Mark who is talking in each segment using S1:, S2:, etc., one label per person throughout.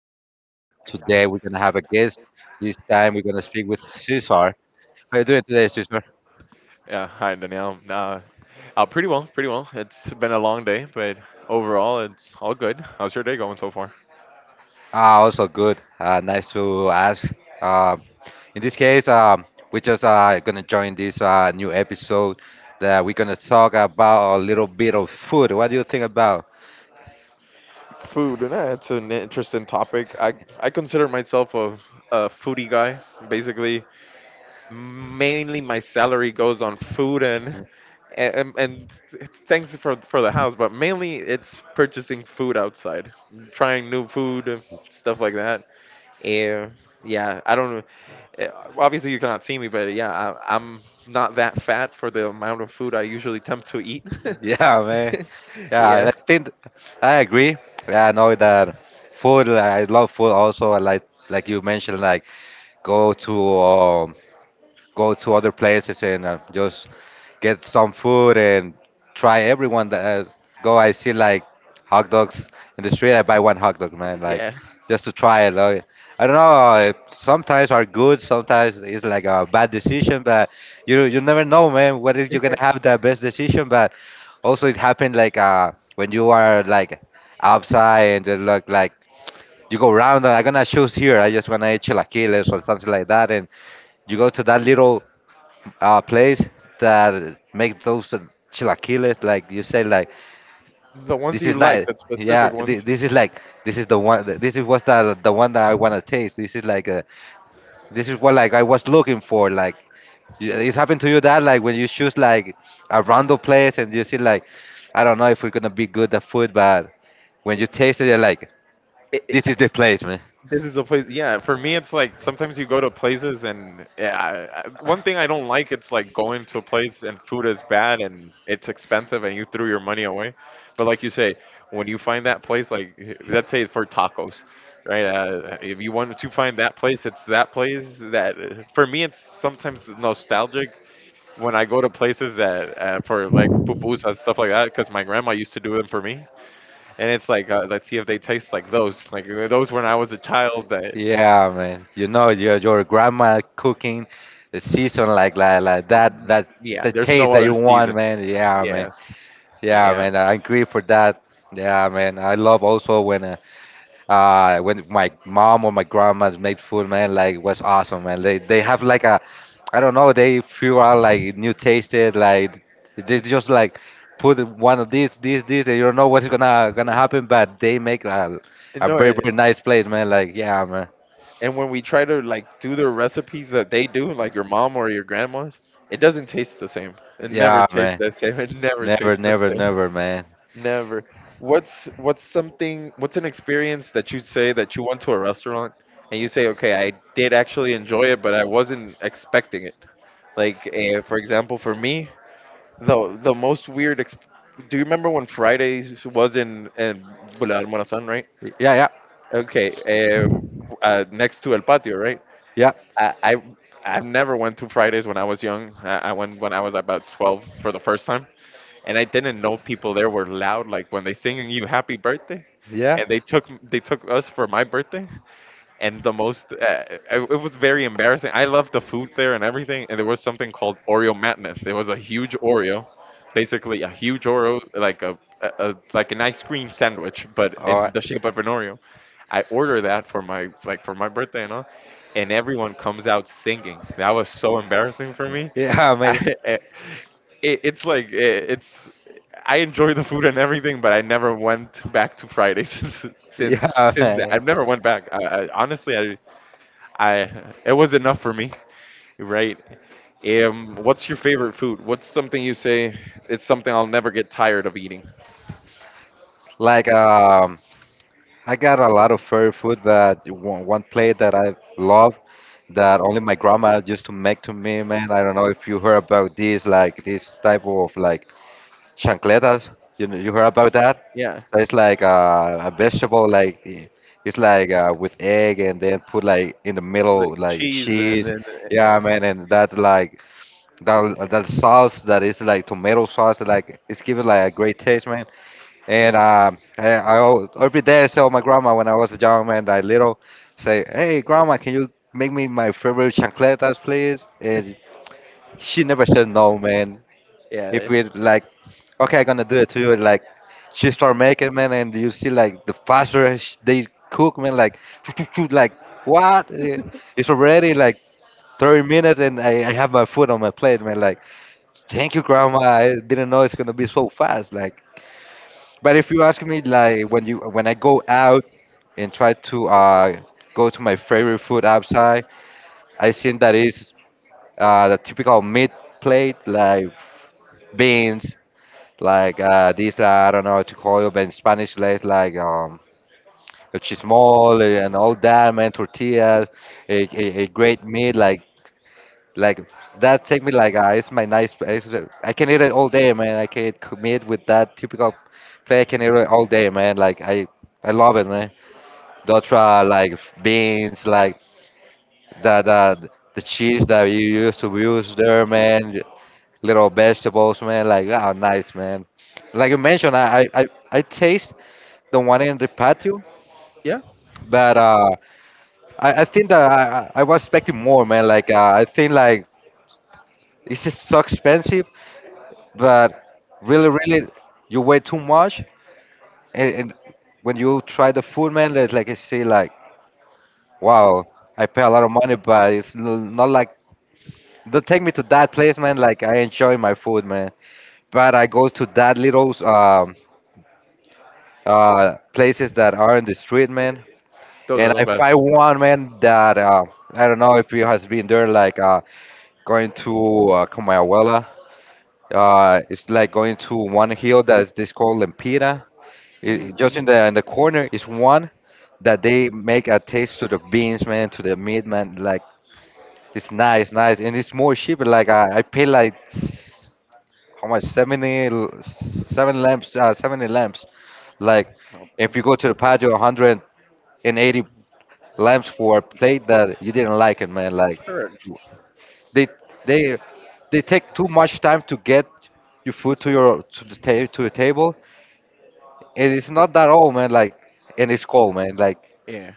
S1: channel. Today we're gonna have a guest. This time we're gonna speak with Cesar. How you doing today, Cesar?
S2: Yeah, hi Danielle. Pretty well, pretty well, It's been a long day, but overall, it's all good. How's your day going so far?
S1: Ah, also good. Nice to ask. Um, in this case, we just gonna join this new episode that we're gonna talk about a little bit of food. What do you think about?
S2: Food, and yeah, it's an interesting topic. I consider myself a foodie guy. Basically, mainly my salary goes on food and thanks for the house, but mainly it's purchasing food outside, trying new food, stuff like that. Yeah, yeah. I don't. Eh, Obviously you cannot see me, but yeah, I'm not that fat for the amount of food I usually attempt to eat.
S1: Yeah, man. Yeah,
S2: Yeah,
S1: I think I agree. Yeah, I know that food. I love food. Also, I like you mentioned, like go to go to other places and just get some food and try everyone that go. I see like hot dogs in the street. I buy one hot dog, man, like
S2: yeah.
S1: just to try it. Like, I don't know. Sometimes are good. Sometimes it's like a bad decision, but you never know, man. What if you're gonna have the best decision? But also it happened like when you are like outside and they look like you go around. I'm gonna choose here. I just wanna eat chilaquiles or something like that, and you go to that little place that make those chilaquiles like you say like
S2: The ones
S1: this
S2: you
S1: is
S2: like,
S1: not,
S2: the
S1: yeah,
S2: specific ones.
S1: this is like, this is the one that- this is what's the one that I want to taste. This is like a, this is what like I was looking for. Like, it happened to you that like when you choose like a random place and you see like, I don't know if we're gonna be good at food, but when you taste it you're like,
S2: it, it,
S1: this is the place, man.
S2: this is a place, yeah. For me it's like sometimes you go to places and yeah, one thing I don't like, it's like going to a place and food is bad and it's expensive and you threw your money away. But like you say, when you find that place, like let's say for tacos, right? If you want to find that place, it's that place that, for me, it's sometimes nostalgic when I go to places that, for like pupusas and stuff like that, because my grandma used to do them for me. And it's like, let's see if they taste like those, like those when I was a child. That,
S1: Yeah, man. You know your grandma cooking, the season, like that, that
S2: yeah,
S1: the
S2: there's no
S1: taste that
S2: other
S1: you
S2: season.
S1: want, man. Yeah, man.
S2: Yeah,
S1: Yeah,
S2: yeah,
S1: man. I agree for that. Yeah, man. I love also when my mom or my grandma's made food, man. Like was awesome, man. They
S2: yeah.
S1: have like a, I don't know. They feel out like new tasted, like they
S2: N-
S1: just like put one of these, this, and you don't know what's gonna happen, but they make a
S2: no,
S1: very very nice place, man. Like yeah, man.
S2: and when we try to like do the recipes that they do, like your mom or your grandma's, it doesn't taste the same. It never
S1: Yeah,
S2: tastes
S1: man.
S2: the same. It never
S1: Never,
S2: tastes the
S1: never,
S2: same.
S1: never, man.
S2: Never. What's something, what's an experience that you say that you went to a restaurant and you say, okay, I did actually enjoy it, but I wasn't expecting it. Like for example, for me, the most weird. Do you remember when Fridays was in Boulevard Morazán, right?
S1: Yeah, yeah,
S2: Okay, next to El Patio, right?
S1: yeah,
S2: I, I I never went to Fridays when I was young. I went when I was about 12 for the first time, and I didn't know people there were loud. Like when they singing you Happy Birthday,
S1: yeah.
S2: and they took us for my birthday. And the most it was very embarrassing. I loved the food there and everything, and there was something called Oreo Madness. It was a huge Oreo, basically a huge Oreo, like a like an ice cream sandwich, but
S1: All
S2: in
S1: right.
S2: the shape of an Oreo. I order that for my like for my birthday and all, and everyone comes out singing. That was so embarrassing for me.
S1: Yeah, man.
S2: I, it, it's like it, it's I enjoy the food and everything, but I never went back to Friday since
S1: Yeah,
S2: since that.
S1: man.
S2: I've never went back. Honestly, I it was enough for me, right? What's your favorite food? What's something you say it's something I'll never get tired of eating?
S1: Like, I got a lot of favorite food, but one plate that I love, that only my grandma used to make to me, man. I don't know if you heard about this, like this type of like chancletas. You know, you heard about that?
S2: Yeah,
S1: So it's like a vegetable, like it's like with egg, and then put like in the
S2: like
S1: middle like
S2: cheese and
S1: cheese.
S2: then,
S1: Yeah,
S2: uh,
S1: man, and that like, that that sauce that is like tomato sauce, like it's giving like a great taste, man. And every day I tell my grandma when I was a young man, that little, say, hey grandma, can you make me my favorite chancletas, please? And she never said no, man. If
S2: yeah,
S1: we like, okay, I'm gonna do it too. Like, she start making, man, and you see like the faster they cook, man, like, like what? It's already like 30 minutes, and I have my food on my plate, man. Like, thank you, grandma. I didn't know it's gonna be so fast. Like, but if you ask me, like, when you when I go out and try to go to my favorite food outside, I think that is the typical meat plate, like beans. Like these, I don't know how to call it, but in Spanish, like, el chismol and all that, man, tortillas, a great meat, like that take me like it's my nice. It's, I can eat it all day, man. I can eat meat with that typical plate. I can eat it all day, man. Like I love it, man. Dotra like beans, like the the cheese that you used to use there, man. Little vegetables, man. Like oh, nice, man. Like you mentioned, I taste the one in the patio.
S2: yeah,
S1: But I think that I I was expecting more, man. Like I think like it's just so expensive, but really, really, you weigh too much. And when you try the food, man, like I say, like wow, I pay a lot of money, but it's not like, don't take me to that place, man. Like I enjoy my food, man. But I go to that little places that are in the street, man.
S2: those are
S1: And
S2: the
S1: I find
S2: best.
S1: one, man, that I don't know if you has been there, like. Going to Comayagüela. It's like going to one hill that is this called Lempira. Just
S2: Mm-hmm.
S1: in the corner is one that they make a taste to the beans, man, to the meat, man. Like it's nice, nice, and it's more cheaper. Like I pay like how much? Seven lamps, 70 lamps. Like if you go to the patio, 180 lamps for a plate that you didn't like it, man. Like
S2: Sure.
S1: They they they take too much time to get your food to your to the to your table, and it's not that old, man. Like, and it's cold, man. Like,
S2: Yeah,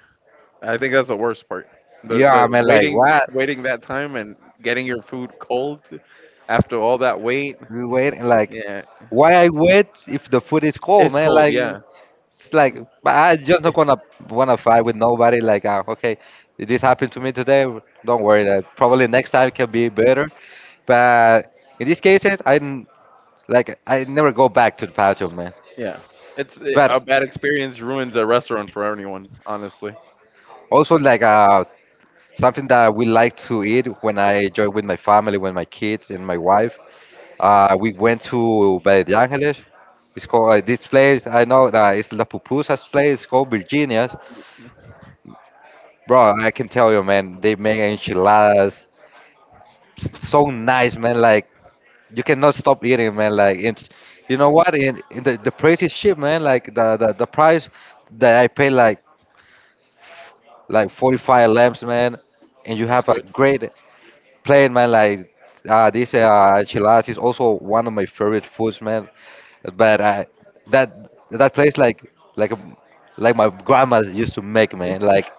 S2: I think that's the worst part. The
S1: yeah,
S2: the
S1: man. Like,
S2: waiting
S1: what?
S2: waiting that time and getting your food cold after all that wait.
S1: We wait and like,
S2: Yeah,
S1: why I wait if the food is cold,
S2: it's
S1: man?
S2: cold.
S1: Like,
S2: Yeah,
S1: it's like, but I just not gonna wanna fight with nobody. Like, ah, okay, this happened to me today. Don't worry, that probably next time can be better. But in these cases, like I never go back to the bathroom, man.
S2: yeah. It's
S1: But
S2: a bad experience ruins a restaurant for anyone, honestly.
S1: also like something that we like to eat when I enjoy with my family, with my kids and my wife. We went to Valle de Angeles. It's called this place. I know that it's La Pupusa's place. It's called Virginia's. Bro, I can tell you, man. They make enchiladas so nice, man. Like you cannot stop eating, man. Like and you know what? In the price is cheap, man. Like the, the price that I pay, like 45 lamps, man. And you
S2: That's
S1: have a
S2: good.
S1: great playing, man. Like this enchiladas is also one of my favorite foods, man. But I that, that place like, like um, like my grandma used to make, man. Like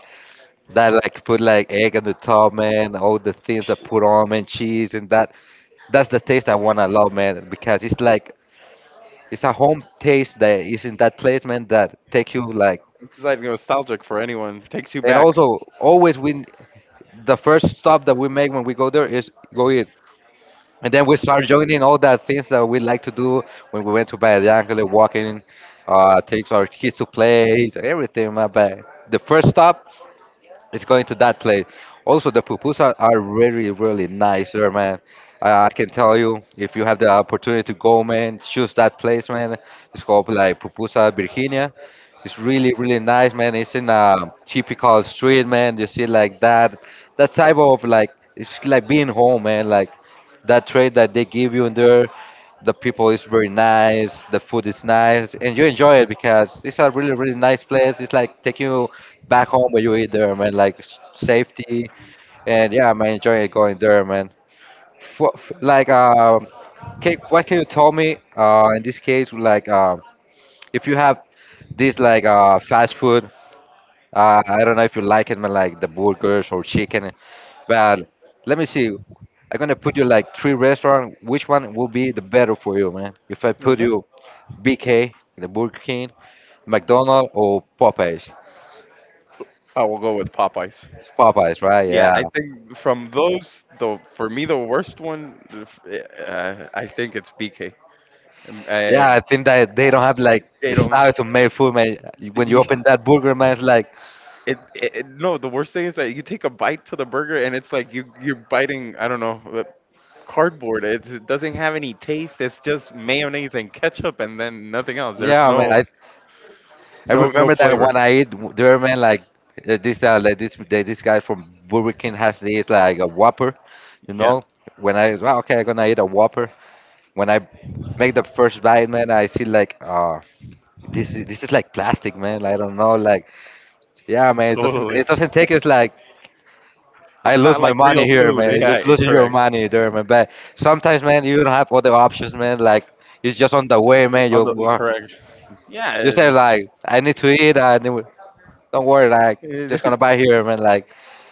S1: that, like put like egg on the top, man, all the things that put on, man, cheese and that, that's the taste I want to love, man, because it's like it's a home taste that is in that place, man, that take you like,
S2: It's like nostalgic for anyone. Takes you
S1: and
S2: back.
S1: also always we the first stop that we make when we go there is go eat. And then we start joining all the things that we like to do when we went to Valle de Angele, walking, takes our kids to play, everything. My bad. The first stop it's going to that place. Also, the pupusas are really, really nice there, man. I can tell you, if you have the opportunity to go, man, choose that place, man. It's called like Pupusa Virginia. It's really, really nice, man. It's in a typical street, man. You see like that, that type of like, it's like being home, man. Like that trade that they give you in there. The people is very nice. The food is nice, and you enjoy it because it's a really, really nice place. It's like taking you back home where you eat there, man. Like safety, and yeah, man, enjoy going there, man. What, like, can, what can you tell me? In this case, like, if you have this like fast food, I don't know if you like it, man, like the burgers or chicken, but let me see. I'm gonna put you like three restaurant. Which one will be the better for you, man? If I put
S2: Okay.
S1: you BK, the Burger King, McDonald's, or Popeyes?
S2: Oh, we'll go with Popeyes.
S1: Popeyes, right?
S2: Yeah,
S1: Yeah.
S2: I think from those, though, for me the worst one, I think it's BK. Um, uh,
S1: Yeah, I think that they don't have like
S2: they don't.
S1: style to make food, man. When you
S2: Yeah,
S1: open that burger, man, it's like,
S2: No, the worst thing is that you take a bite to the burger and it's like you're biting. I don't know. Cardboard. It doesn't have any taste. It's just mayonnaise and ketchup, and then nothing else. There's
S1: yeah, man. I
S2: no
S1: remember that
S2: flavor.
S1: when I eat there, man, like this like this this guy from Burger King has this like a Whopper, you
S2: Yeah,
S1: know. When I, well, okay, I'm gonna eat a Whopper. When I make the first bite, man, I see like this is like plastic, man. I don't know, like yeah, man. It doesn't
S2: totally.
S1: it doesn't take us like I
S2: It's
S1: lose
S2: not
S1: my
S2: like
S1: money
S2: real
S1: here, man.
S2: food.
S1: You're just losing your
S2: Correct.
S1: money there, man. But sometimes, man, you don't have other options, man. Like it's just on the way, man.
S2: I'm not correct.
S1: You say
S2: Yeah,
S1: like, I need to eat. I need, don't worry, like just
S2: it-
S1: gonna buy here, man. Like,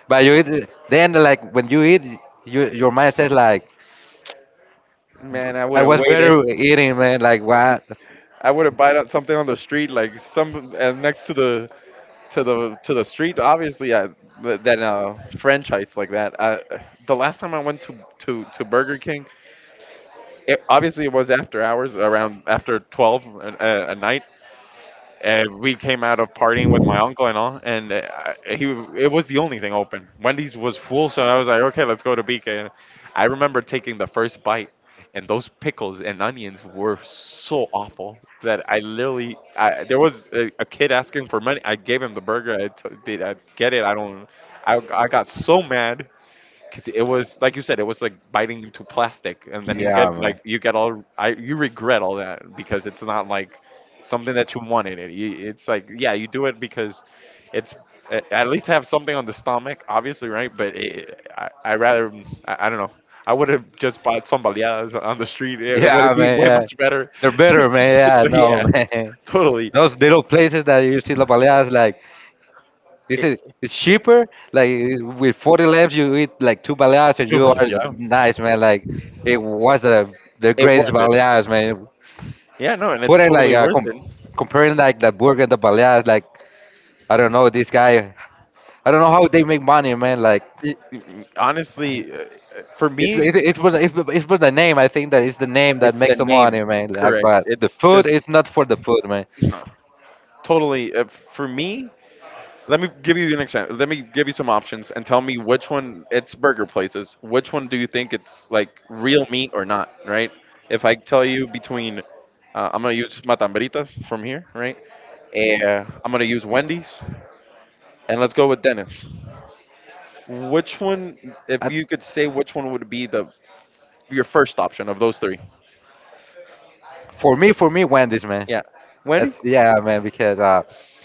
S1: but you eat. Then like when you eat, your mind says like,
S2: man, I would
S1: I
S2: have
S1: was
S2: waited.
S1: better eating, man. Like what?
S2: I would have bought up something on the street, like some, next to the to the to the street. Obviously, I than a franchise like that. The last time I went to Burger King, obviously it was after hours around after 12 a night, and we came out of partying with my uncle and all, and I- he it was the only thing open. Wendy's was full, so I was like, okay, let's go to BK. I remember taking the first bite, and those pickles and onions were so awful that I literally, there was a kid asking for money. I gave him the burger. I t- did I get it I don't I got so mad because it was like you said, it was like biting into plastic. And then you
S1: Yeah,
S2: get
S1: man.
S2: like you get all, I you regret all that because it's not like something that you wanted. It's like, yeah, you do it because it's, at least have something on the stomach, obviously, right? But it, I rather, I don't know. I would have just bought some baleadas on the street. It would have
S1: Yeah,
S2: been
S1: man.
S2: way
S1: Yeah,
S2: much better.
S1: they're better, man. Yeah,
S2: So,
S1: no,
S2: yeah,
S1: man.
S2: totally.
S1: Those little places that you see La Baleadas, like This is
S2: It,
S1: it's cheaper. Like with 40 left, you eat like two baleadas, and
S2: Dude,
S1: you
S2: but
S1: are
S2: yeah,
S1: nice, man. Like it was the
S2: it
S1: greatest
S2: worth it.
S1: baleadas, man.
S2: Yeah, no, and it's
S1: Put it like
S2: totally worth it.
S1: comparing like the burger and the baleadas. Like I don't know this guy. I don't know how they make money, man. Like
S2: it it- Honestly, for
S1: it's
S2: me,
S1: it's it's for it's for the name. I think that it's the name that
S2: it's the
S1: makes the money,
S2: name.
S1: man. Like,
S2: Correct.
S1: but the
S2: It's
S1: food
S2: just
S1: is not for the food, man.
S2: no, totally, for me. Let me give you an example. Let me give you some options and tell me which one. It's burger places. Which one do you think it's like real meat or not? Right. If I tell you between, I'm gonna use Matambritas from here, right? I'm gonna use Wendy's, and let's go with Dennis. Which one, if
S1: Uh
S2: you could say which one would be the your first option of those three.
S1: for me, for me, Wendy's, man.
S2: Yeah. Wendy?
S1: Yeah, man, because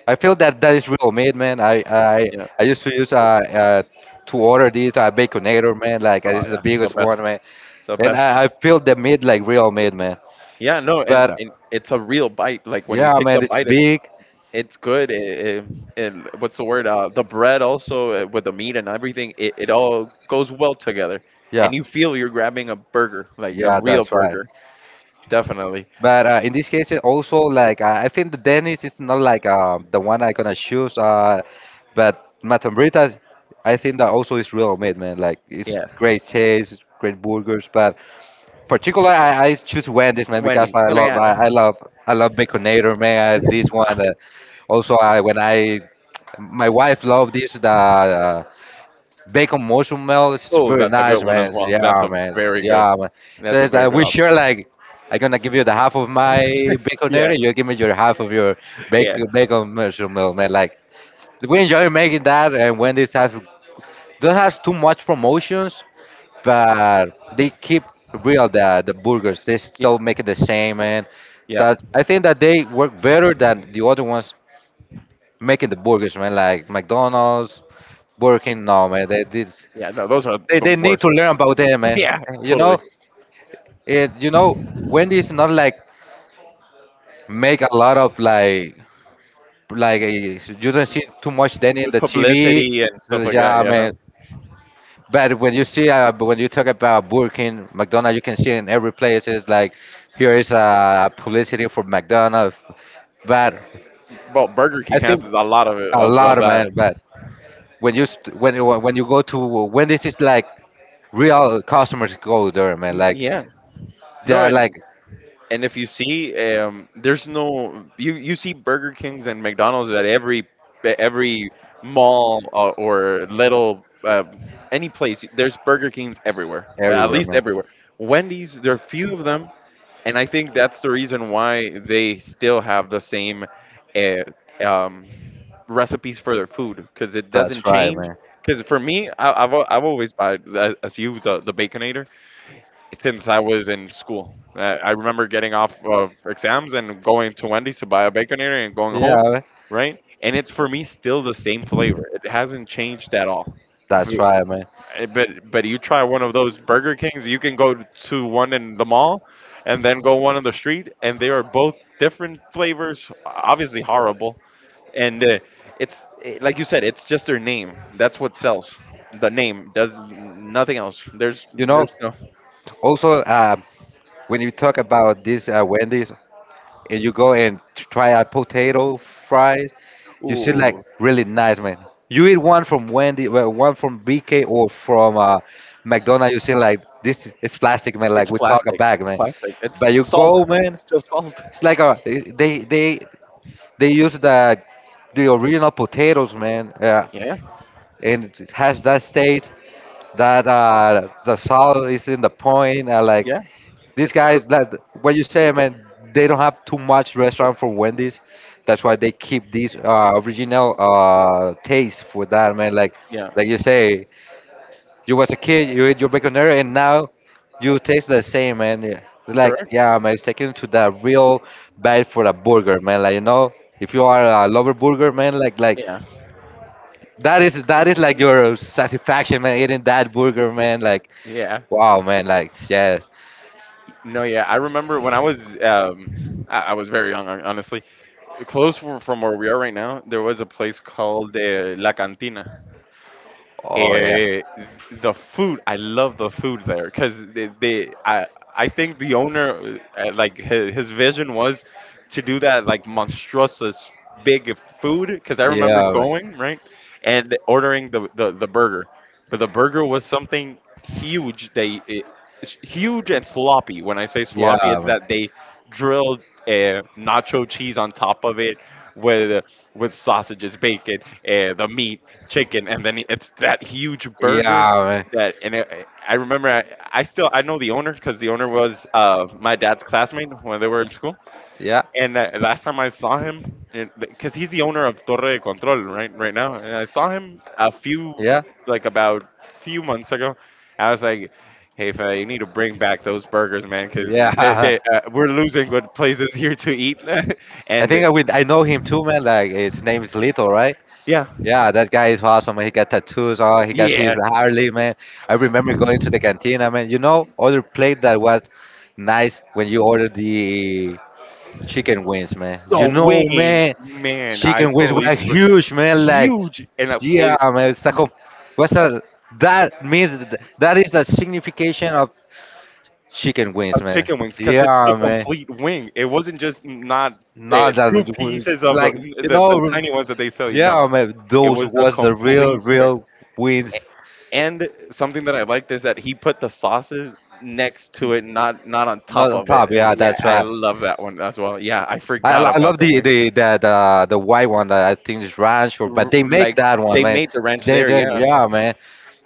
S1: I feel that that is real meat, man.
S2: Yeah.
S1: I used to use to order these baconator, man. Like
S2: Oh
S1: this is the
S2: yeah. The
S1: biggest one,
S2: best.
S1: man.
S2: The
S1: And
S2: best.
S1: I feel the meat like real meat, man.
S2: Yeah, no,
S1: But
S2: and it's a real bite. Like when you
S1: yeah,
S2: take the
S1: man, it's
S2: bite,
S1: big.
S2: it's good. What's the word? The bread also, with the meat and everything. It all goes well together,
S1: Yeah,
S2: and you feel you're grabbing a burger, like a
S1: yeah,
S2: real
S1: that's right.
S2: burger. Definitely.
S1: But in this case, it also like I think the Dennis is not like the one I gonna choose. But Matambrita, I think that also is real meat, man. Like it's
S2: Yeah,
S1: great taste, it's great burgers, but particular I choose Wendy's, man, because
S2: Wendy. No, yeah.
S1: I love, I love Baconator, man. This one also I when I my wife love this, the bacon mushroom melt. It's
S2: Oh,
S1: very
S2: that's a good
S1: nice,
S2: one
S1: man.
S2: as well. That's
S1: Yeah,
S2: a
S1: man.
S2: very good.
S1: Yeah, man. So
S2: That's a
S1: it's,
S2: very good
S1: we
S2: option.
S1: share like I'm gonna give you the half of my
S2: Yeah,
S1: Baconator, you give me your half of your
S2: yeah,
S1: bacon mushroom melt, man. Like we enjoy making that. And Wendy's have don't have too much promotions, but they keep real the burgers. They still make it the same, man.
S2: yeah,
S1: That I think that they work better than the other ones making the burgers, man. Like McDonald's, Burger King, no, man. They this
S2: yeah. No, those are the
S1: they need to
S2: worst.
S1: learn about them, man.
S2: Yeah,
S1: You know,
S2: totally.
S1: it you know Wendy's not like make a lot of like you don't see too much then in
S2: With
S1: the TV.
S2: publicity and stuff like that.
S1: Yeah,
S2: Yeah.
S1: man. But when you see, but when you talk about Burger King, McDonald's, you can see in every place it's like here is a publicity for McDonald's. But
S2: Well, Burger King
S1: I think
S2: has a lot of it,
S1: a
S2: of
S1: lot,
S2: that.
S1: man. But when you go to when this is like real customers go there, man.
S2: Mm,
S1: Like
S2: yeah.
S1: they
S2: No,
S1: are like
S2: and if you see, there's no, you you see Burger Kings and McDonald's at every mall, or little, any place. There's Burger Kings everywhere, at
S1: everywhere,
S2: least
S1: man.
S2: everywhere. Wendy's, there are few of them, and I think that's the reason why they still have the same, uh, um, recipes for their food because it doesn't
S1: That's right,
S2: change.
S1: man.
S2: Because for me, I've always bought, as you, the Baconator since I was in school. I remember getting off of exams and going to Wendy's to buy a baconator and going
S1: Yeah,
S2: home,
S1: man.
S2: right? And it's for me still the same flavor. It hasn't changed at all. If
S1: That's
S2: you-
S1: right, man.
S2: eh, but you try one of those Burger Kings, you can go to one in the mall, and then go one on the street, and they are both different flavors. Obviously horrible, and like you said, it's just their name. That's what sells. The name does nothing else.
S1: You know,
S2: There's no.
S1: also when you talk about this Wendy's, and you go and try out potato fries, you see like
S2: Ooh.
S1: really nice, man. You eat one from Wendy, well, one from BK or from McDonald's. You see like this is it's plastic, man, like
S2: It's
S1: we talk a
S2: plastic.
S1: bag,
S2: It's
S1: man.
S2: plastic.
S1: But you
S2: It's salt.
S1: go, man,
S2: It's just salt.
S1: it's like a they use the original potatoes, man, yeah,
S2: Yeah,
S1: and it has that taste that the salt is in the point. I like
S2: yeah.
S1: these
S2: It's cr-
S1: guys, that what you say, man, they don't have too much restaurant for Wendy's. That's why they keep these original taste for that, man.
S2: yeah,
S1: Like you say, you was a kid, you ate your baconera, and now you taste the same, man. Yeah. Like,
S2: correct.
S1: yeah, man, it's taken to the real bite for a burger, man. Like, you know, if you are a lover burger, man, like
S2: Yeah,
S1: that is like your satisfaction, man, eating that burger, man. Like,
S2: yeah.
S1: wow, man, like, yes,
S2: No, yeah. I remember when I was, I was very young, honestly. Close from where we are right now, there was a place called, La Cantina.
S1: oh yeah.
S2: Eh, the food, I love the food there because I think the owner, like his vision was to do that like monstrous big food because I remember
S1: Yeah, man.
S2: going right and ordering the, the burger, but the burger was something huge. It's huge and sloppy. When I say
S1: Yeah,
S2: sloppy, it's
S1: man.
S2: that they drilled, nacho cheese on top of it, with with sausages, bacon, the meat, chicken, and then it's that huge burger
S1: Yeah, man.
S2: that, and it, I remember I still, I know the owner because the owner was, my dad's classmate when they were in school,
S1: Yeah,
S2: and last time I saw him, because he's the owner of Torre de Control right now, and I saw him a few,
S1: yeah,
S2: like about few months ago. I was like, hey, fella, you need to bring back those burgers, man, because
S1: yeah.
S2: we're losing good places here to eat.
S1: I
S2: and uh,
S1: think I would. I know him too, man. Like his name is Lito, right?
S2: yeah,
S1: Yeah, that guy is awesome, man. He got tattoos on. He got his
S2: yeah,
S1: Harley, man. I remember going to the cantina, man. You know, other plate that was nice when you ordered the chicken wings, man. You
S2: The
S1: know,
S2: wings,
S1: man,
S2: man, I
S1: chicken wings
S2: totally
S1: were
S2: forgot.
S1: huge, man. Like
S2: Huge and
S1: yeah, man, it's like a what's a, that means that is the signification of chicken
S2: a
S1: wings, man.
S2: chicken wings, because it's the
S1: Yeah, man.
S2: complete wing. It wasn't just not uh,
S1: Not that
S2: two
S1: it was-
S2: pieces of the,
S1: Like you
S2: the the
S1: know,
S2: tiny ones that they sell you.
S1: yeah,
S2: No,
S1: man.
S2: it
S1: Those
S2: was the
S1: was the real,
S2: complete wing.
S1: real wings,
S2: And something that I liked is that he put the sauces next to it, not on
S1: not
S2: top
S1: on
S2: of it.
S1: top.
S2: Uh,
S1: Yeah,
S2: yeah,
S1: that's
S2: I
S1: right.
S2: love that one as well. Yeah, I forgot
S1: I
S2: about
S1: love
S2: the wing.
S1: the white one that I think is ranch, or
S2: R-
S1: but they make
S2: like
S1: that one,
S2: they
S1: man.
S2: made the ranch there.
S1: They
S2: Yeah,
S1: Yeah, man.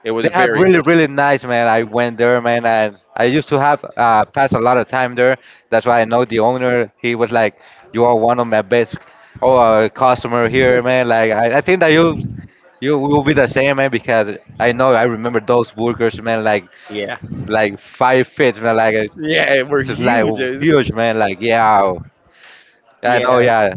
S2: it was
S1: They have
S2: very
S1: really,
S2: good.
S1: really nice, man. I went there, man, and I used to have passed a lot of time there. That's why I know the owner. He was like, "You are one of my best oh, customer here, man." Like I think that you will be the same, man, because I know I remember those burgers, man,
S2: Yeah.
S1: like 5 feet, man, like
S2: Yeah, we're
S1: it's like
S2: huge.
S1: huge, man. Like yeah, I know,
S2: Yeah.
S1: yeah.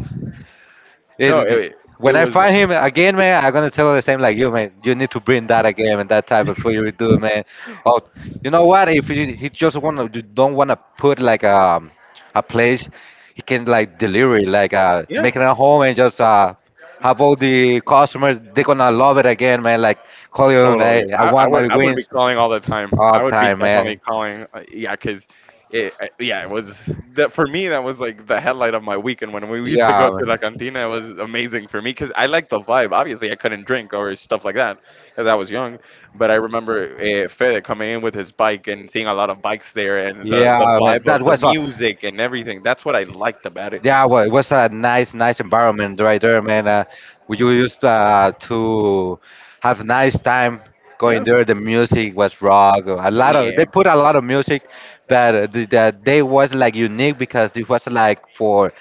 S1: Yeah,
S2: No, It
S1: when I
S2: was.
S1: find him again, man, I'm gonna tell her the same like you, man. You need to bring that again and that type of food you do, man. Oh, you know what? If you, he just wanna you don't wanna put like a place, he can like delivery, like
S2: Yeah.
S1: making a home and just have all the customers. They're gonna love it again, man. Like call you,
S2: Totally.
S1: man. I
S2: I, I
S1: want
S2: would
S1: my
S2: I would be
S1: wings
S2: calling all the time.
S1: all
S2: I would be
S1: time,
S2: definitely
S1: man.
S2: calling. Yeah, cause it I- yeah it was that for me, that was like the headlight of my weekend when we used to go
S1: Yeah,
S2: to la
S1: man.
S2: cantina. It was amazing for me cause I liked the vibe. Obviously, I couldn't drink or stuff like that cause I was young. But I remember Fede coming in with his bike and seeing a lot of bikes there and the
S1: Yeah,
S2: the
S1: man.
S2: vibe
S1: That
S2: of the
S1: was
S2: music and everything. That's what I liked about it.
S1: yeah, well, it was a nice, nice environment right there, man. We used to have nice time going
S2: Yeah.
S1: there. The music was rock. A lot of
S2: Yeah.
S1: they put a lot of music, but the day was like unique because it was like for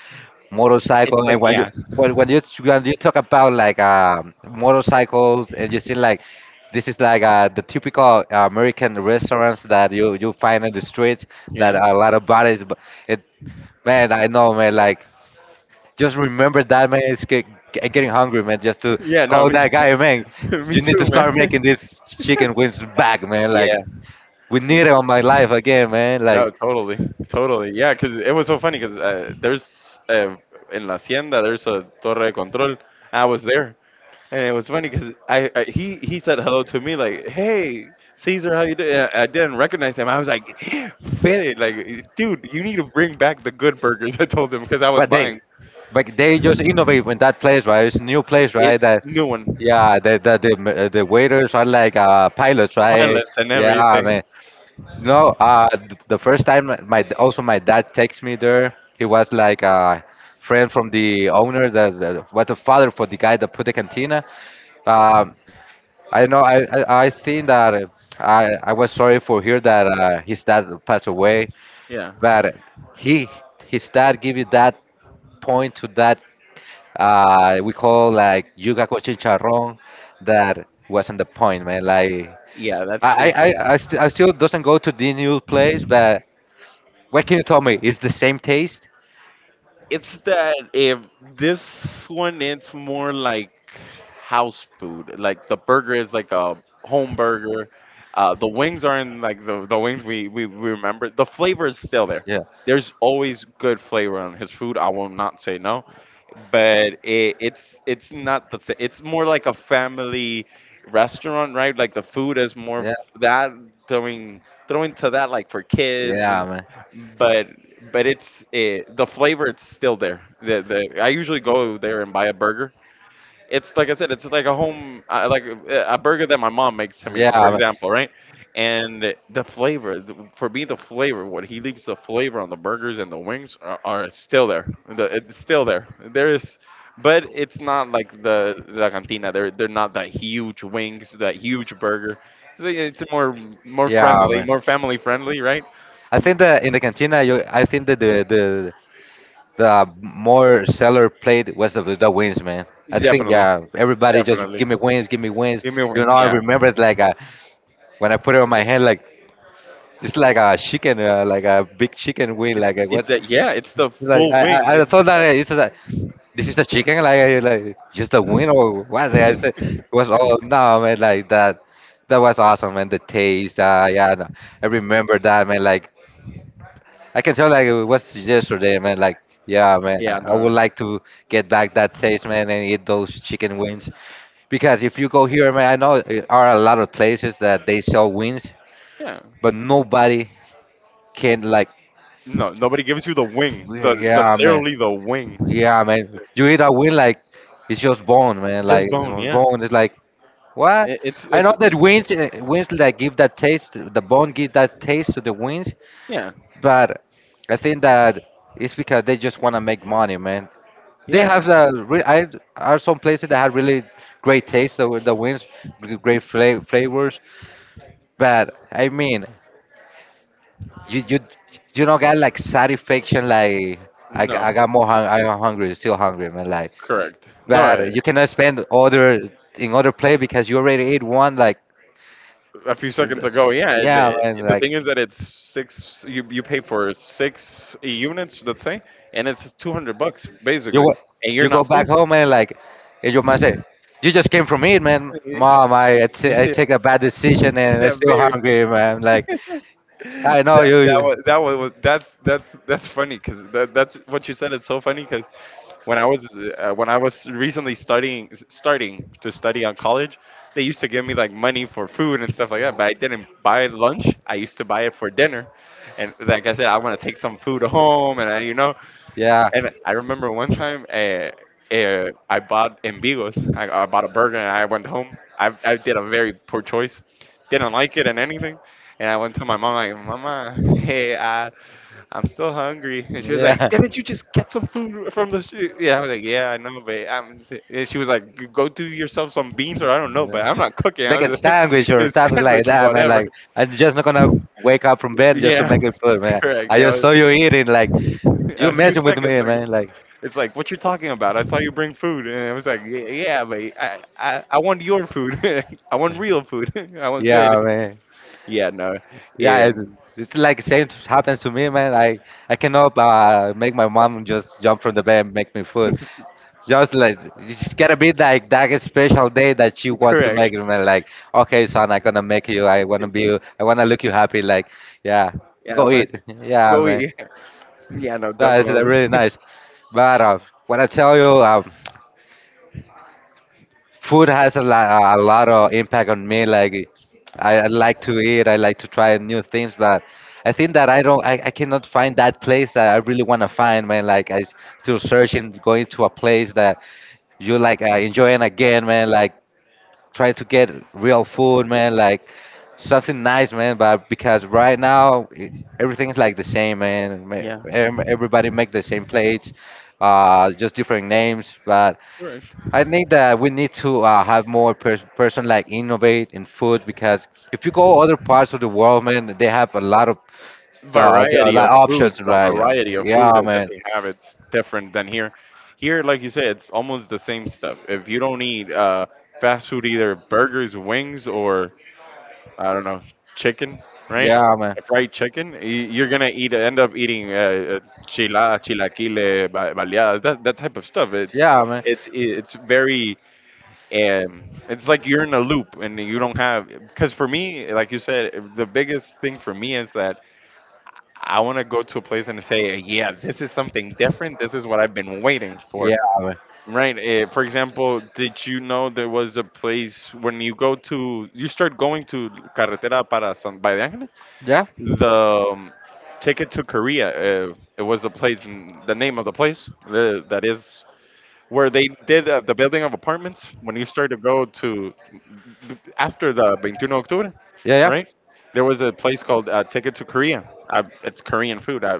S2: It's
S1: motorcycle. And
S2: like
S1: when you
S2: yeah.
S1: when you talk about like motorcycles and you see like this is like the typical American restaurants that you find in the streets that
S2: Yeah.
S1: a lot of bodies. But it, man, I know, man, like just remember that, man. It's getting hungry, man. Just to
S2: Yeah, no,
S1: call
S2: me.
S1: that guy, man.
S2: Me
S1: You need
S2: too,
S1: to start
S2: man.
S1: making this chicken wings back, man. Like
S2: Yeah,
S1: we need it on my life again, man.
S2: no,
S1: Like,
S2: totally, totally. Yeah, because it was so funny because there's in La Hacienda there's a Torre de Control. I was there, and it was funny because I he said hello to me like, "Hey, Caesar, how you doing?" And I didn't recognize him. I was like, "Fede, like, dude, you need to bring back the good burgers." I told him because I was
S1: but they,
S2: buying.
S1: but they just innovate in that place, right? It's a new place, right?
S2: It's
S1: That
S2: new one,
S1: yeah, the waiters are like pilots, right?
S2: pilots and
S1: Yeah,
S2: everything.
S1: man. No, the first time my also my dad takes me there. He was like a friend from the owner, the father for the guy that put the cantina. Um, I know. I think that I was sorry for hear that his dad passed away,
S2: Yeah.
S1: but he his dad give you that point to that we call like yuca con chicharrón, that wasn't the point, man. Like
S2: Yeah, that's true.
S1: I still doesn't go to the new place, but what can you tell me? It's the same taste?
S2: It's that, if this one, it's more like house food. Like the burger is like a home burger. The wings aren't like the wings we remember. The flavor is still there.
S1: Yeah.
S2: There's always good flavor on his food. I will not say no, but it's it's not the same. It's more like a family restaurant, right? Like the food is more
S1: Yeah.
S2: f- that throwing, throwing to that like for kids
S1: Yeah,
S2: and,
S1: man.
S2: but but it's the flavor, it's still there. The I usually go there and buy a burger. It's like I said, it's like a home, a burger that my mom makes to me, for
S1: Yeah, man.
S2: example, right? And the flavor, for me, the flavor, what he leaves, the flavor on the burgers and the wings are still there. The, it's still there. There is, but it's not like the La Cantina. They're not that huge wings, that huge burger. So it's more
S1: Yeah,
S2: friendly,
S1: man.
S2: more family friendly, right?
S1: I think that in the cantina, you, I think that the more seller played was the wings, man. I think
S2: Definitely,
S1: yeah, everybody just
S2: definitely.
S1: give me wings, give me wings.
S2: Give me a wing,
S1: You know, I
S2: yeah.
S1: remember it's like when I put it on my head, like it's like a chicken, like a big chicken wing. Like
S2: It's
S1: what?
S2: that yeah, it's the
S1: It's like
S2: full wing. It,
S1: I thought that it's like this is a chicken, like just a wing or what? Like, I said it was all no, man, like that. That was awesome, man. The taste, yeah, no, I remember that, man. Like I can tell, like it was yesterday, man. Like yeah, man,
S2: yeah,
S1: I would
S2: no.
S1: like to get back that taste, man, and eat those chicken wings. Because if you go here, man, I know there are a lot of places that they sell wings,
S2: Yeah.
S1: but nobody can like
S2: No, nobody gives you the wing. The
S1: yeah, man.
S2: Literally the wing.
S1: Yeah, man. You hit a win like it's just bone, man. Like
S2: Just
S1: it
S2: bone,
S1: was
S2: yeah.
S1: bone. It's like what?
S2: It, it's
S1: I know
S2: it's
S1: that wings, like give that taste. The bone gives that taste to the wings,
S2: yeah.
S1: but I think that it's because they just want to make money, man. They
S2: Yeah.
S1: have the re- I are some places that have really great taste. The wings, great flavors. But I mean, you you you don't get like satisfaction. Like
S2: No.
S1: I got more hung. I'm hungry. Still hungry, man. Like
S2: Correct.
S1: bad.
S2: No,
S1: You cannot spend other in other play because you already ate one. Like,
S2: a few seconds ago, yeah. And
S1: yeah,
S2: it,
S1: man.
S2: the
S1: Like
S2: thing is that it's six. You pay for six units, let's say, and it's 200 bucks
S1: you
S2: basically,
S1: wa-
S2: and you're
S1: you go
S2: not
S1: back
S2: full.
S1: home and like and your mom say, you just came from it, man. Mom, I
S2: Yeah,
S1: take a bad decision and I'm still
S2: very.
S1: hungry, man. Like I know
S2: That
S1: you.
S2: that
S1: you-
S2: was that one was that's funny because that, that's what you said. It's so funny because when I was when I was recently studying, starting to study on college, they used to give me like money for food and stuff like that. But I didn't buy lunch. I used to buy it for dinner, and like I said, I want to take some food home, and I, you know,
S1: Yeah,
S2: and I remember one time I bought Ambigos. I bought a burger and I went home. I did a very poor choice. Didn't like it and anything. And I went to my mom like, "Mama, hey, I'm still hungry." And she was
S1: yeah,
S2: like, "Didn't you just get some food from the street?" Yeah, I was like, "Yeah, I know, but I'm." And she was like, Go do yourself some beans or I don't know,
S1: yeah.
S2: but I'm not cooking." I
S1: Make a
S2: was like,
S1: sandwich or
S2: "A
S1: something like
S2: sandwich or
S1: that, man.
S2: whatever."
S1: Like I'm just not gonna wake up from bed just to
S2: Yeah,
S1: make it food, man.
S2: correct.
S1: I
S2: Yeah,
S1: just
S2: it
S1: saw you eating. Like
S2: was
S1: you
S2: a few
S1: messing with
S2: seconds
S1: me,
S2: ago.
S1: man. Like
S2: It's like, "What you are talking about? I saw you bring food," and I was like, Yeah, but I want your food. I want real food. I want good."
S1: yeah, man.
S2: Yeah, no,
S1: Yeah, it's,
S2: um,
S1: it's like same happens to me, man. I cannot make my mom just jump from the bed and make me food. Just like it's gotta be like that special day that she wants to make
S2: correct.
S1: me like, okay, son, I'm gonna make you. I wanna be. I wanna look you happy. Like, yeah,
S2: Yeah, I'm
S1: go
S2: gonna
S1: eat. Yeah,
S2: go
S1: man.
S2: eat. Yeah, no,
S1: That's
S2: definitely.
S1: really nice. But what I tell you, food has a lot of impact on me. Like I like to eat, I like to try new things, but I think that I don't, I cannot find that place that I really want to find, man. Like still searching, going to a place that you like enjoying again, man. Like try to get real food, man. Like something nice, man. But because right now everything's like the same, man.
S2: Yeah,
S1: Everybody make the same plates, just different names, but
S2: correct.
S1: I think that we need to have more person like innovate in food because if you go other parts of the world, man, they have a lot of there are a
S2: Variety
S1: lot
S2: of
S1: of
S2: food.
S1: options,
S2: The
S1: right?
S2: variety of food
S1: Yeah,
S2: that
S1: man.
S2: they have, it's different than here. Here, like you said, it's almost the same stuff. If you don't eat fast food, either burgers, wings, or I don't know, chicken, right?
S1: Yeah, man.
S2: A fried chicken. You're gonna eat, end up eating chilaquile, baleadas, that type of stuff. It's
S1: Yeah, man.
S2: it's it's very, um, it's like you're in a loop and you don't have. Because for me, like you said, the biggest thing for me is that I want to go to a place and say, yeah, this is something different. This is what I've been waiting for.
S1: Yeah, man.
S2: Right. For example, did you know there was a place when you go to, you start going to Carretera para San Bayan?
S1: Yeah.
S2: The Ticket to Korea. It was a place, the name of the place, that is where they did the building of apartments when you started to go to after the 21 October,
S1: Yeah, yeah.
S2: right? There was a place called Ticket to Korea. I, it's Korean food.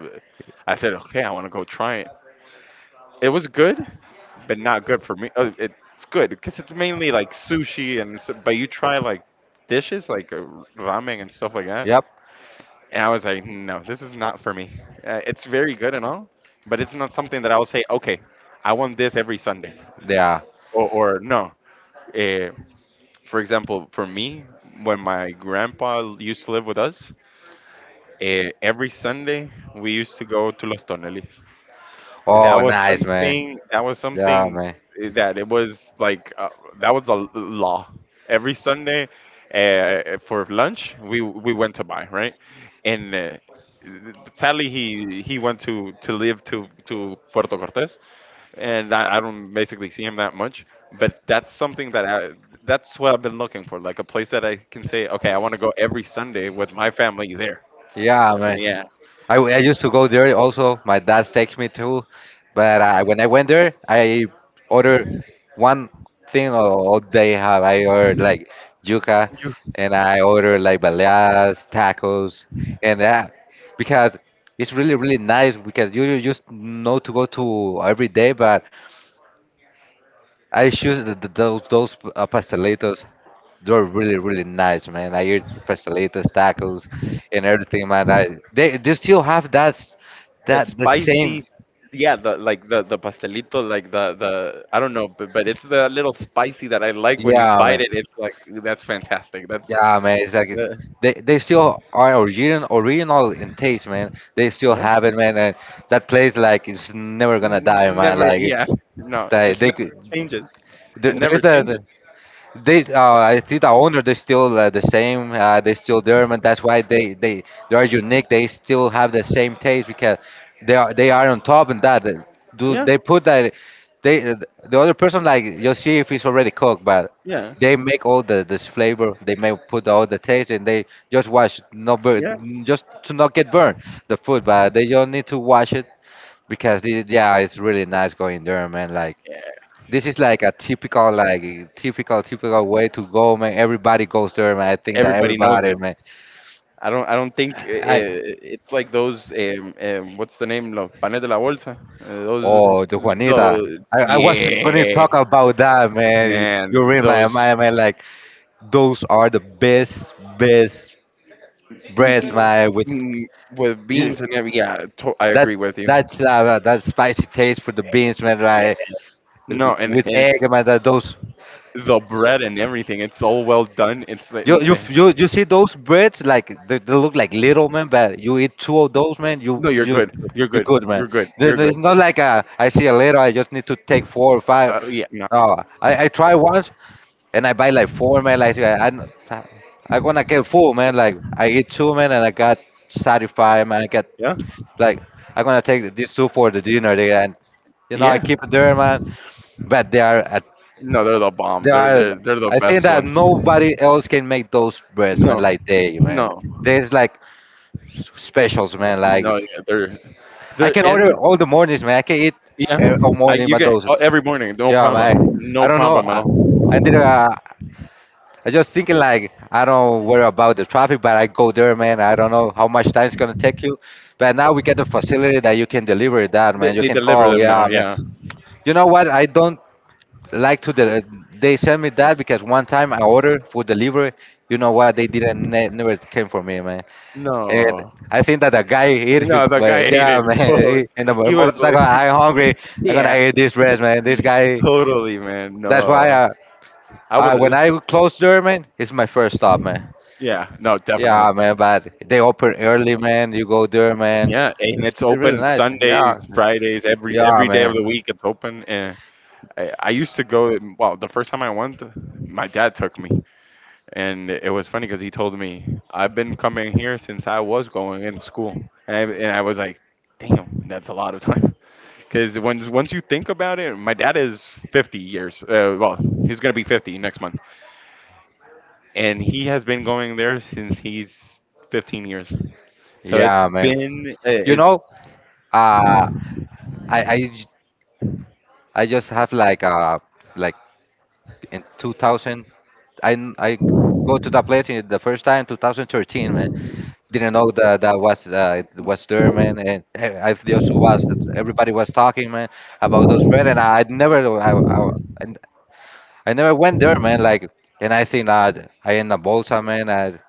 S2: I said, okay, I want to go try it. It was good, but not good for me. It's good because it's mainly like sushi and, but you try like dishes like ramen and stuff like that,
S1: Yep.
S2: and I was like, no, this is not for me. It's very good and all, but it's not something that I will say, okay, I want this every Sunday.
S1: Yeah.
S2: Or, or no. Uh, for example, for me, when my grandpa used to live with us, every Sunday we used to go to Los Tonelis. That
S1: Oh,
S2: was
S1: nice, man.
S2: something. That was
S1: Yeah,
S2: something
S1: man.
S2: that it was like that was a law. Every Sunday, for lunch, we went to buy right, and sadly he went to live to Puerto Cortes, and I don't basically see him that much. But that's something that that's what I've been looking for, like a place that I can say, okay, I want to go every Sunday with my family there.
S1: Yeah,
S2: I
S1: man.
S2: mean, yeah.
S1: I used to go there also. My dad takes me too, but I, when I went there, I ordered one thing, all they have. I ordered like yuca, and I ordered like baleadas, tacos, and that because it's really really nice because you just know to go to every day, but I choose those pastelitos. They were really, really nice, man. I ate pastelitos, tacos, and everything, man. I, they still have
S2: That
S1: that the same.
S2: spicy, yeah, the like the pastelito, like the I don't know, but it's the little spicy that I like. When you
S1: Yeah,
S2: bite
S1: man.
S2: it, it's like, that's fantastic. That's
S1: Yeah, man. It's like
S2: uh,
S1: they still are original, original in taste, man. They still
S2: yeah.
S1: have it, man. And that place, like, it's never gonna die, man.
S2: Never,
S1: Like,
S2: yeah. No,
S1: it's like
S2: it's never
S1: they could.
S2: changes,
S1: There,
S2: it
S1: there's
S2: never
S1: that.
S2: changes.
S1: They, I think the owner, they're still the same. They still there, and that's why they are unique. They still have the same taste because they are on top and that. Uh, do
S2: Yeah.
S1: they put that? They the other person like you'll see if it's already cooked, but
S2: Yeah.
S1: they
S2: Yeah,
S1: make all the this flavor. They may put all the taste, and they just wash not burn, just to not get burned the food. But they don't need to wash it because this, yeah, it's really nice going there, man. Like this is like a typical, like typical, typical way to go, man. Everybody goes there, man. I think that
S2: everybody knows
S1: everybody,
S2: it.
S1: man.
S2: I don't think
S1: I,
S2: it's like those what's the name, los panes de la bolsa, those.
S1: oh, the Juanita.
S2: Those,
S1: I was going to talk
S2: yeah,
S1: about that, man.
S2: man,
S1: You read my
S2: those.
S1: mind, man. Like those are the best, best
S2: y-
S1: breads,
S2: y-
S1: man. With
S2: mm, with
S1: you,
S2: beans and every, yeah, I
S1: that
S2: agree with you.
S1: that's
S2: Yeah.
S1: that spicy taste for the beans, man. Right,
S2: No, and, and
S1: with egg,
S2: it's
S1: man. That those.
S2: the bread and everything, it's all well done. It's like
S1: You you you see those breads like they look like little man, but you eat two of those, man, you
S2: No, you're
S1: you
S2: good, you're
S1: you're
S2: good,
S1: good, man.
S2: you're good, you're
S1: It's
S2: good.
S1: not like, a, I see a little, I just need to take four or five.
S2: Yeah, no.
S1: No, I try once and I buy like four, man, like I gonna get full, man. Like I eat two man and I got satisfied, man. I got
S2: Yeah.
S1: like I'm gonna take these two for the dinner there, and you know I
S2: Yeah.
S1: keep it there, man. But they are
S2: No, they're the bomb.
S1: there
S2: They're
S1: are.
S2: they're they're the
S1: I think
S2: best
S1: that
S2: ones.
S1: nobody else can make those breads, man.
S2: No,
S1: Like they, man.
S2: no,
S1: There's like specials, man. Like
S2: no. Yeah, they're
S1: I can
S2: they're
S1: order
S2: and
S1: all the mornings, man. I can eat
S2: yeah.
S1: all
S2: I
S1: morning,
S2: you
S1: but
S2: get,
S1: those.
S2: oh, every morning. No
S1: Yeah, man.
S2: problem. No
S1: I don't know.
S2: problem at all.
S1: I did. I just thinking like I don't worry about the traffic, but I go there, man. I don't know how much time it's gonna take you, but now we get the facility that you can deliver that, man. You
S2: They
S1: can
S2: deliver
S1: call,
S2: them now.
S1: yeah, man.
S2: Yeah.
S1: You know what? I don't like to the they sent me that because one time I ordered food delivery. You know what? They didn't ne- never came for me, man. And
S2: No.
S1: I think that the guy hit him,
S2: No, the guy
S1: man.
S2: ate
S1: Yeah,
S2: it totally.
S1: man. And the
S2: He was like,
S1: motorcycle, I hungry. I'm gonna
S2: yeah,
S1: eat this rest, man. This guy.
S2: totally, man.
S1: That's why
S2: No, I
S1: I when
S2: would.
S1: I close there, man, it's my first stop, man.
S2: Yeah, no, definitely.
S1: Yeah, man. But they open early, man. You go there, man.
S2: Yeah, and it's
S1: It's really
S2: open
S1: nice.
S2: Sundays,
S1: Yeah.
S2: Fridays,
S1: Yeah,
S2: every day of
S1: man.
S2: the week. It's open, and I used to go. Well, the first time I went, my dad took me, and it was funny because he told me, "I've been coming here since I was going in school," and I was like, damn, that's a lot of time. Because once you think about it, my dad is 50 years. Well, he's gonna be 50 next month, and he has been going there since he's 15 years. So it's
S1: Yeah, man.
S2: been
S1: You know,
S2: it's
S1: uh, I I j- I just have like a like in 2000. I go to that place in the first time 2013, man. Didn't know that that was it was there, man. And I just was everybody was talking, man, about those red, and I never I, I and I never went there, man. Like, and I think that I in a bolsa, man. I,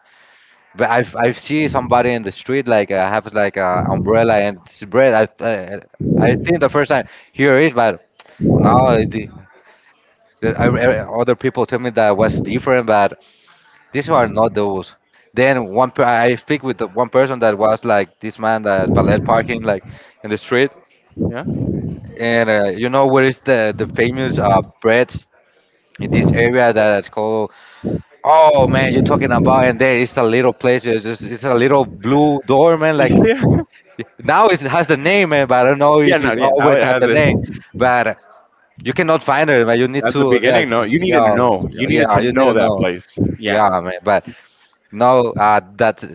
S1: but I've seen somebody in the street like have like a umbrella and it's bread. I uh, I think the first time here is, but now it, other people tell me that was different, but these are not those. Then one, I speak with the one person that was like this man that valet parking like in the street,
S2: yeah.
S1: and you know where is the famous breads in this area that's called. Oh man, you're talking about, and there is a little place. It's just it's a little blue door, man. Like
S2: Yeah.
S1: now it has the name, man, but I don't know
S2: Yeah,
S1: if
S2: no,
S1: it
S2: yeah, now
S1: always
S2: it
S1: have
S2: has
S1: the
S2: it
S1: name. But you cannot find it, but you need
S2: at the
S1: to.
S2: beginning.
S1: That's
S2: No, you needed to
S1: yeah,
S2: know. You needed
S1: yeah.
S2: to
S1: You need
S2: know
S1: to
S2: that
S1: know.
S2: place.
S1: Yeah,
S2: Yeah.
S1: man. But no, that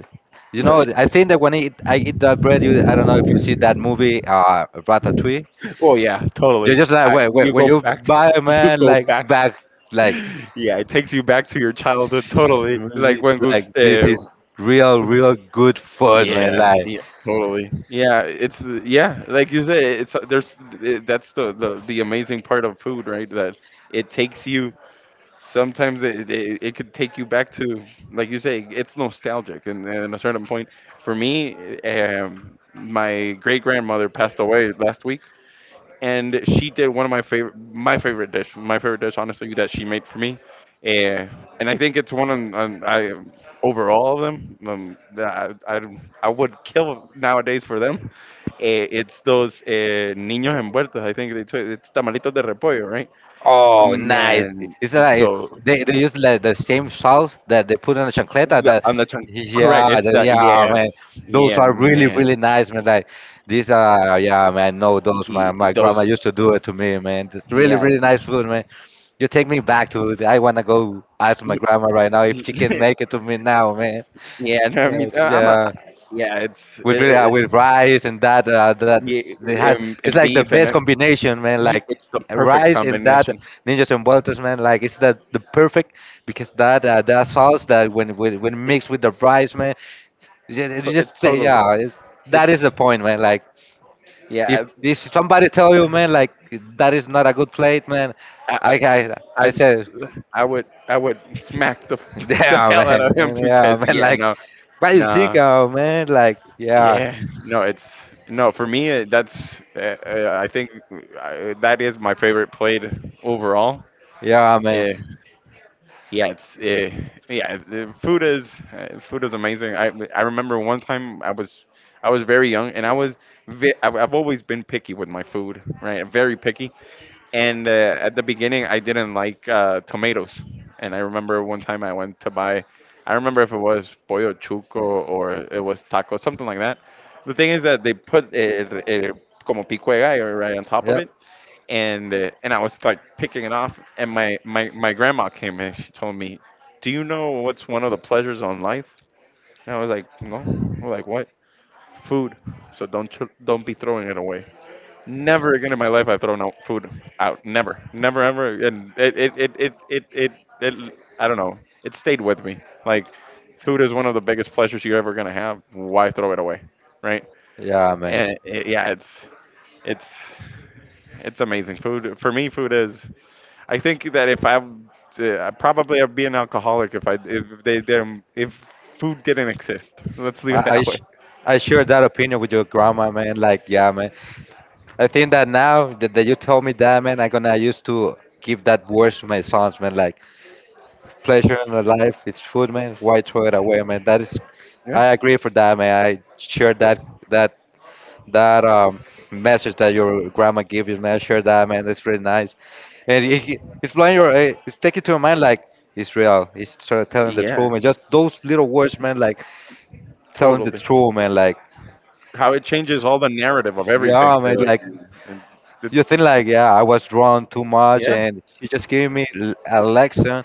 S1: you
S2: No,
S1: know, I think that when I eat that bread, you I don't know if you see that movie, Ratatouille.
S2: well, yeah,
S1: You're
S2: totally.
S1: just like,
S2: I,
S1: wait, wait,
S2: you
S1: when
S2: go
S1: you
S2: back.
S1: buy a
S2: You
S1: man
S2: go
S1: like
S2: back.
S1: back, like
S2: Yeah, it takes you back to your childhood. Totally. Like
S1: really,
S2: when
S1: like
S2: Goose.
S1: this is real, real good food, man.
S2: Yeah.
S1: Like
S2: Yeah. Totally. Yeah. It's Like you say, it's there's that's the amazing part of food, right? That it takes you. Sometimes it could take you back to, like you say, it's nostalgic. And at a certain point, for me, my great grandmother passed away last week, and she did one of my favorite dish, honestly, that she made for me. Uh, and I think it's one on I over all of them. That I would kill nowadays for them. It's those niños envueltos. I think it's tamalitos de repollo, right?
S1: oh, nice.
S2: Man,
S1: It's like
S2: so
S1: they use like the same sauce that they put in the chancleta.
S2: the,
S1: That
S2: on the chunk,
S1: yeah,
S2: correct. It's
S1: the,
S2: that.
S1: yeah, man.
S2: Yes.
S1: Those
S2: Yeah,
S1: are really
S2: man.
S1: really nice, man. Like these are yeah, man. No,
S2: Y-
S1: those my
S2: those.
S1: grandma used to do it to me, man. It's really
S2: Yeah.
S1: really nice food, man. You take me back to it. I wanna go ask my
S2: Ye-
S1: grandma right now if she can make it to me now, man.
S2: yeah, no, me,
S1: Yes,
S2: I'm a,
S1: yeah,
S2: yeah,
S1: with really with rice and that that
S2: yeah,
S1: they had, it's
S2: and
S1: like the
S2: beef and
S1: best combination, man, like
S2: it's the perfect
S1: rice and that
S2: combination.
S1: ninjas and vueltas, man, like it's the perfect because that that sauce that when mixed with the rice, man,
S2: To,
S1: you
S2: it's
S1: just say
S2: totally,
S1: yeah it's, that is the
S2: it's,
S1: point, man, like
S2: yeah,
S1: if somebody tell you, man, like that is not a good plate, man,
S2: I,
S1: i
S2: I,
S1: i,
S2: I,
S1: I
S2: s-
S1: said
S2: I would smack the, the
S1: damn,
S2: hell out of him
S1: man, yeah,
S2: because,
S1: man,
S2: yeah,
S1: like
S2: no,
S1: what you think
S2: no.
S1: of, man, like yeah,
S2: Yeah, no, it's no for me. That's I think that is my favorite plate overall.
S1: yeah, man,
S2: Uh, yeah, it's uh, yeah, the food is amazing. I remember one time I was very young and I was I've always been picky with my food, right? Very picky. And at the beginning, I didn't like tomatoes. And I remember one time I went to buy, I remember if it was pollo chuco or it was taco, something like that. The thing is that they put it como pico de gallo right on top of
S1: yep,
S2: it, and I was like picking it off. And my grandma came and she told me, "Do you know what's one of the pleasures on life?" And I was like, "No." I'm like, "What?" Food. So don't be throwing it away. Never again in my life I throw no food out. Never, never, ever. And it I don't know. It stayed with me. Like, food is one of the biggest pleasures you're ever gonna have. Why throw it away, right?
S1: yeah, man.
S2: And it, yeah, it's, it's amazing. Food for me, food is. I think that if I, probably I'd be an alcoholic if I, if they, didn't if food didn't exist. Let's leave it
S1: I,
S2: that way.
S1: I share that opinion with your grandma, man. Like, yeah, man. I think that now that, that you told me that, man, I'm gonna use to give that words to my sons, man. Like, pleasure in the life is food, man. Why throw it away, man? That is, I
S2: Yeah.
S1: agree for that, man. I share that that that message that your grandma gave you, man. I share that, man. That's really nice, and it, it's blowing your, it's taking to your mind like. It's real. It's sort of telling the
S2: Yeah,
S1: truth, man. Just those little words, man. Like telling the
S2: totally.
S1: truth, man. Like
S2: How it changes all the narrative of everything,
S1: yeah,
S2: right?
S1: man.
S2: Like,
S1: Like
S2: and
S1: you
S2: it's
S1: think like, yeah, I was drawn too much,
S2: yeah,
S1: and she just gave me a lesson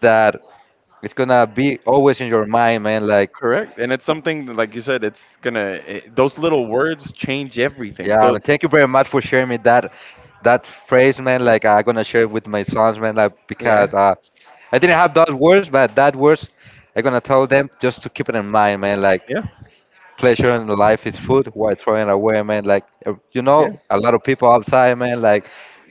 S1: that it's gonna be always in your mind, man. Like,
S2: correct. And it's something that, like you said, those little words change everything.
S1: yeah, I mean, thank you very much for sharing me that that phrase, man. Like, I'm gonna share it with my sons, man. Like,
S2: Yeah,
S1: because I didn't have those words, but that words I'm gonna tell them just to keep it in mind, man. Like,
S2: yeah,
S1: pleasure in life is food. Why throwing it away, man? Like, you
S2: yeah,
S1: know, a lot of people outside, man. Like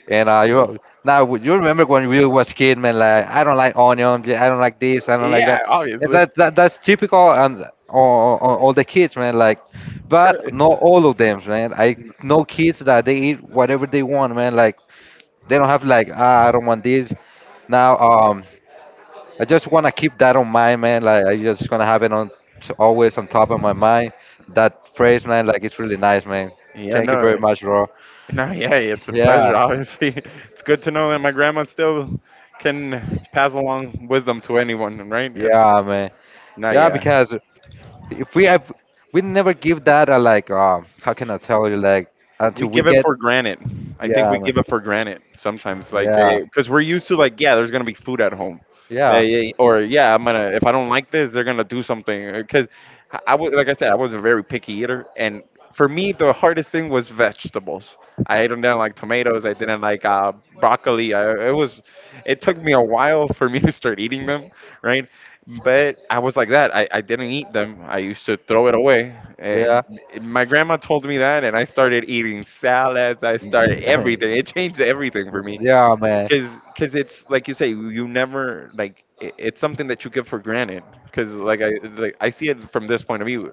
S1: and you now you remember when we was kid, man. Like I don't like onions. Yeah, I don't like this. I don't like
S2: yeah.
S1: that. And
S2: Obviously,
S1: that, that that's typical and all the kids, man. Like, but
S2: correct.
S1: not all of them, man. I know kids that they eat whatever they want, man. Like they don't have like ah, I don't want this. Now I just wanna keep that on mind, man. Like I just gonna have it on always on top of my mind. That phrase, man. Like it's really nice, man.
S2: Yeah,
S1: Thank you
S2: no,
S1: very much, bro.
S2: no, yeah, it's a
S1: Yeah,
S2: pleasure. Obviously, it's good to know that my grandma still can pass along wisdom to anyone, right? It's
S1: yeah, man.
S2: not,
S1: Yeah,
S2: yeah,
S1: because if we have, we never give that a like. How can I tell you? Like
S2: we
S1: until we
S2: give it
S1: get,
S2: for granted. I think
S1: yeah,
S2: we
S1: man,
S2: give it for granted sometimes, like
S1: yeah,
S2: because we're used to like, yeah, there's gonna be food at home. Yeah,
S1: yeah,
S2: yeah. Or yeah, I'm gonna if I don't like this, they're gonna do something. Because I was like I said, I was a very picky eater, and for me, the hardest thing was vegetables. I didn't like tomatoes. I didn't like broccoli. It took me a while for me to start eating them, right? But I was like that. I didn't eat them. I used to throw it away.
S1: yeah,
S2: My grandma told me that and I started eating salads, I started everything, it changed everything for me
S1: yeah, man,
S2: because it's like you say you never like it's something that you give for granted because like I see it from this point of view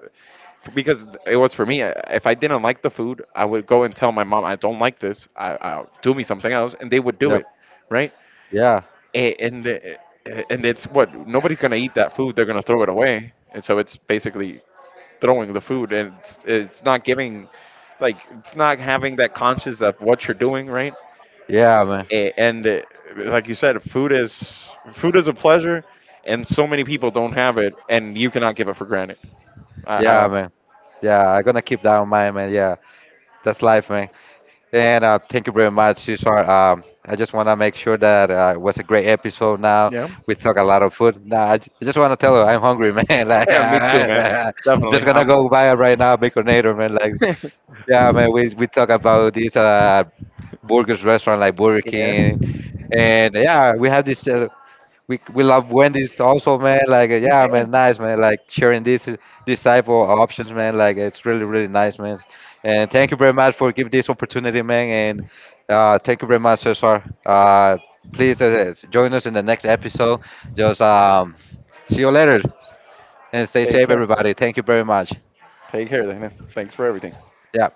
S2: because it was for me if I didn't like the food I would go and tell my mom I don't like this I I'll do me something else and they would do
S1: yep,
S2: it, right.
S1: yeah,
S2: A- and uh, and it's what nobody's gonna eat that food, they're gonna throw it away and so it's basically throwing the food and it's not giving like it's not having that conscious of what you're doing, right.
S1: yeah, man,
S2: A- and Like you said, food is a pleasure and so many people don't have it and you cannot give it for granted. I, I,
S1: yeah, man, yeah. I'm gonna keep that in mind, man. Yeah, that's life, man. And thank you very much, Cesar. I just wanna make sure that it was a great episode. Now
S2: yeah.
S1: we talk a lot of food. Nah, I just wanna tell you, I'm hungry, man. Like,
S2: Yeah, me too, man. Definitely,
S1: just gonna
S2: I'm
S1: go buy right now, baconator, man. Like.
S2: yeah.
S1: Yeah, man, we talk about this burgers restaurant like Burger King, and yeah, we have this. We love Wendy's also, man. Like yeah, man, nice, man. Like sharing this this type of options, man. Like it's really really nice, man. And thank you very much for giving this opportunity, man. And thank you very much, Cesar. Please join us in the next episode. Just see you later and stay
S2: Take
S1: safe,
S2: care.
S1: everybody. Thank you very much.
S2: Take care, Dana. Thanks for everything.
S1: Yeah.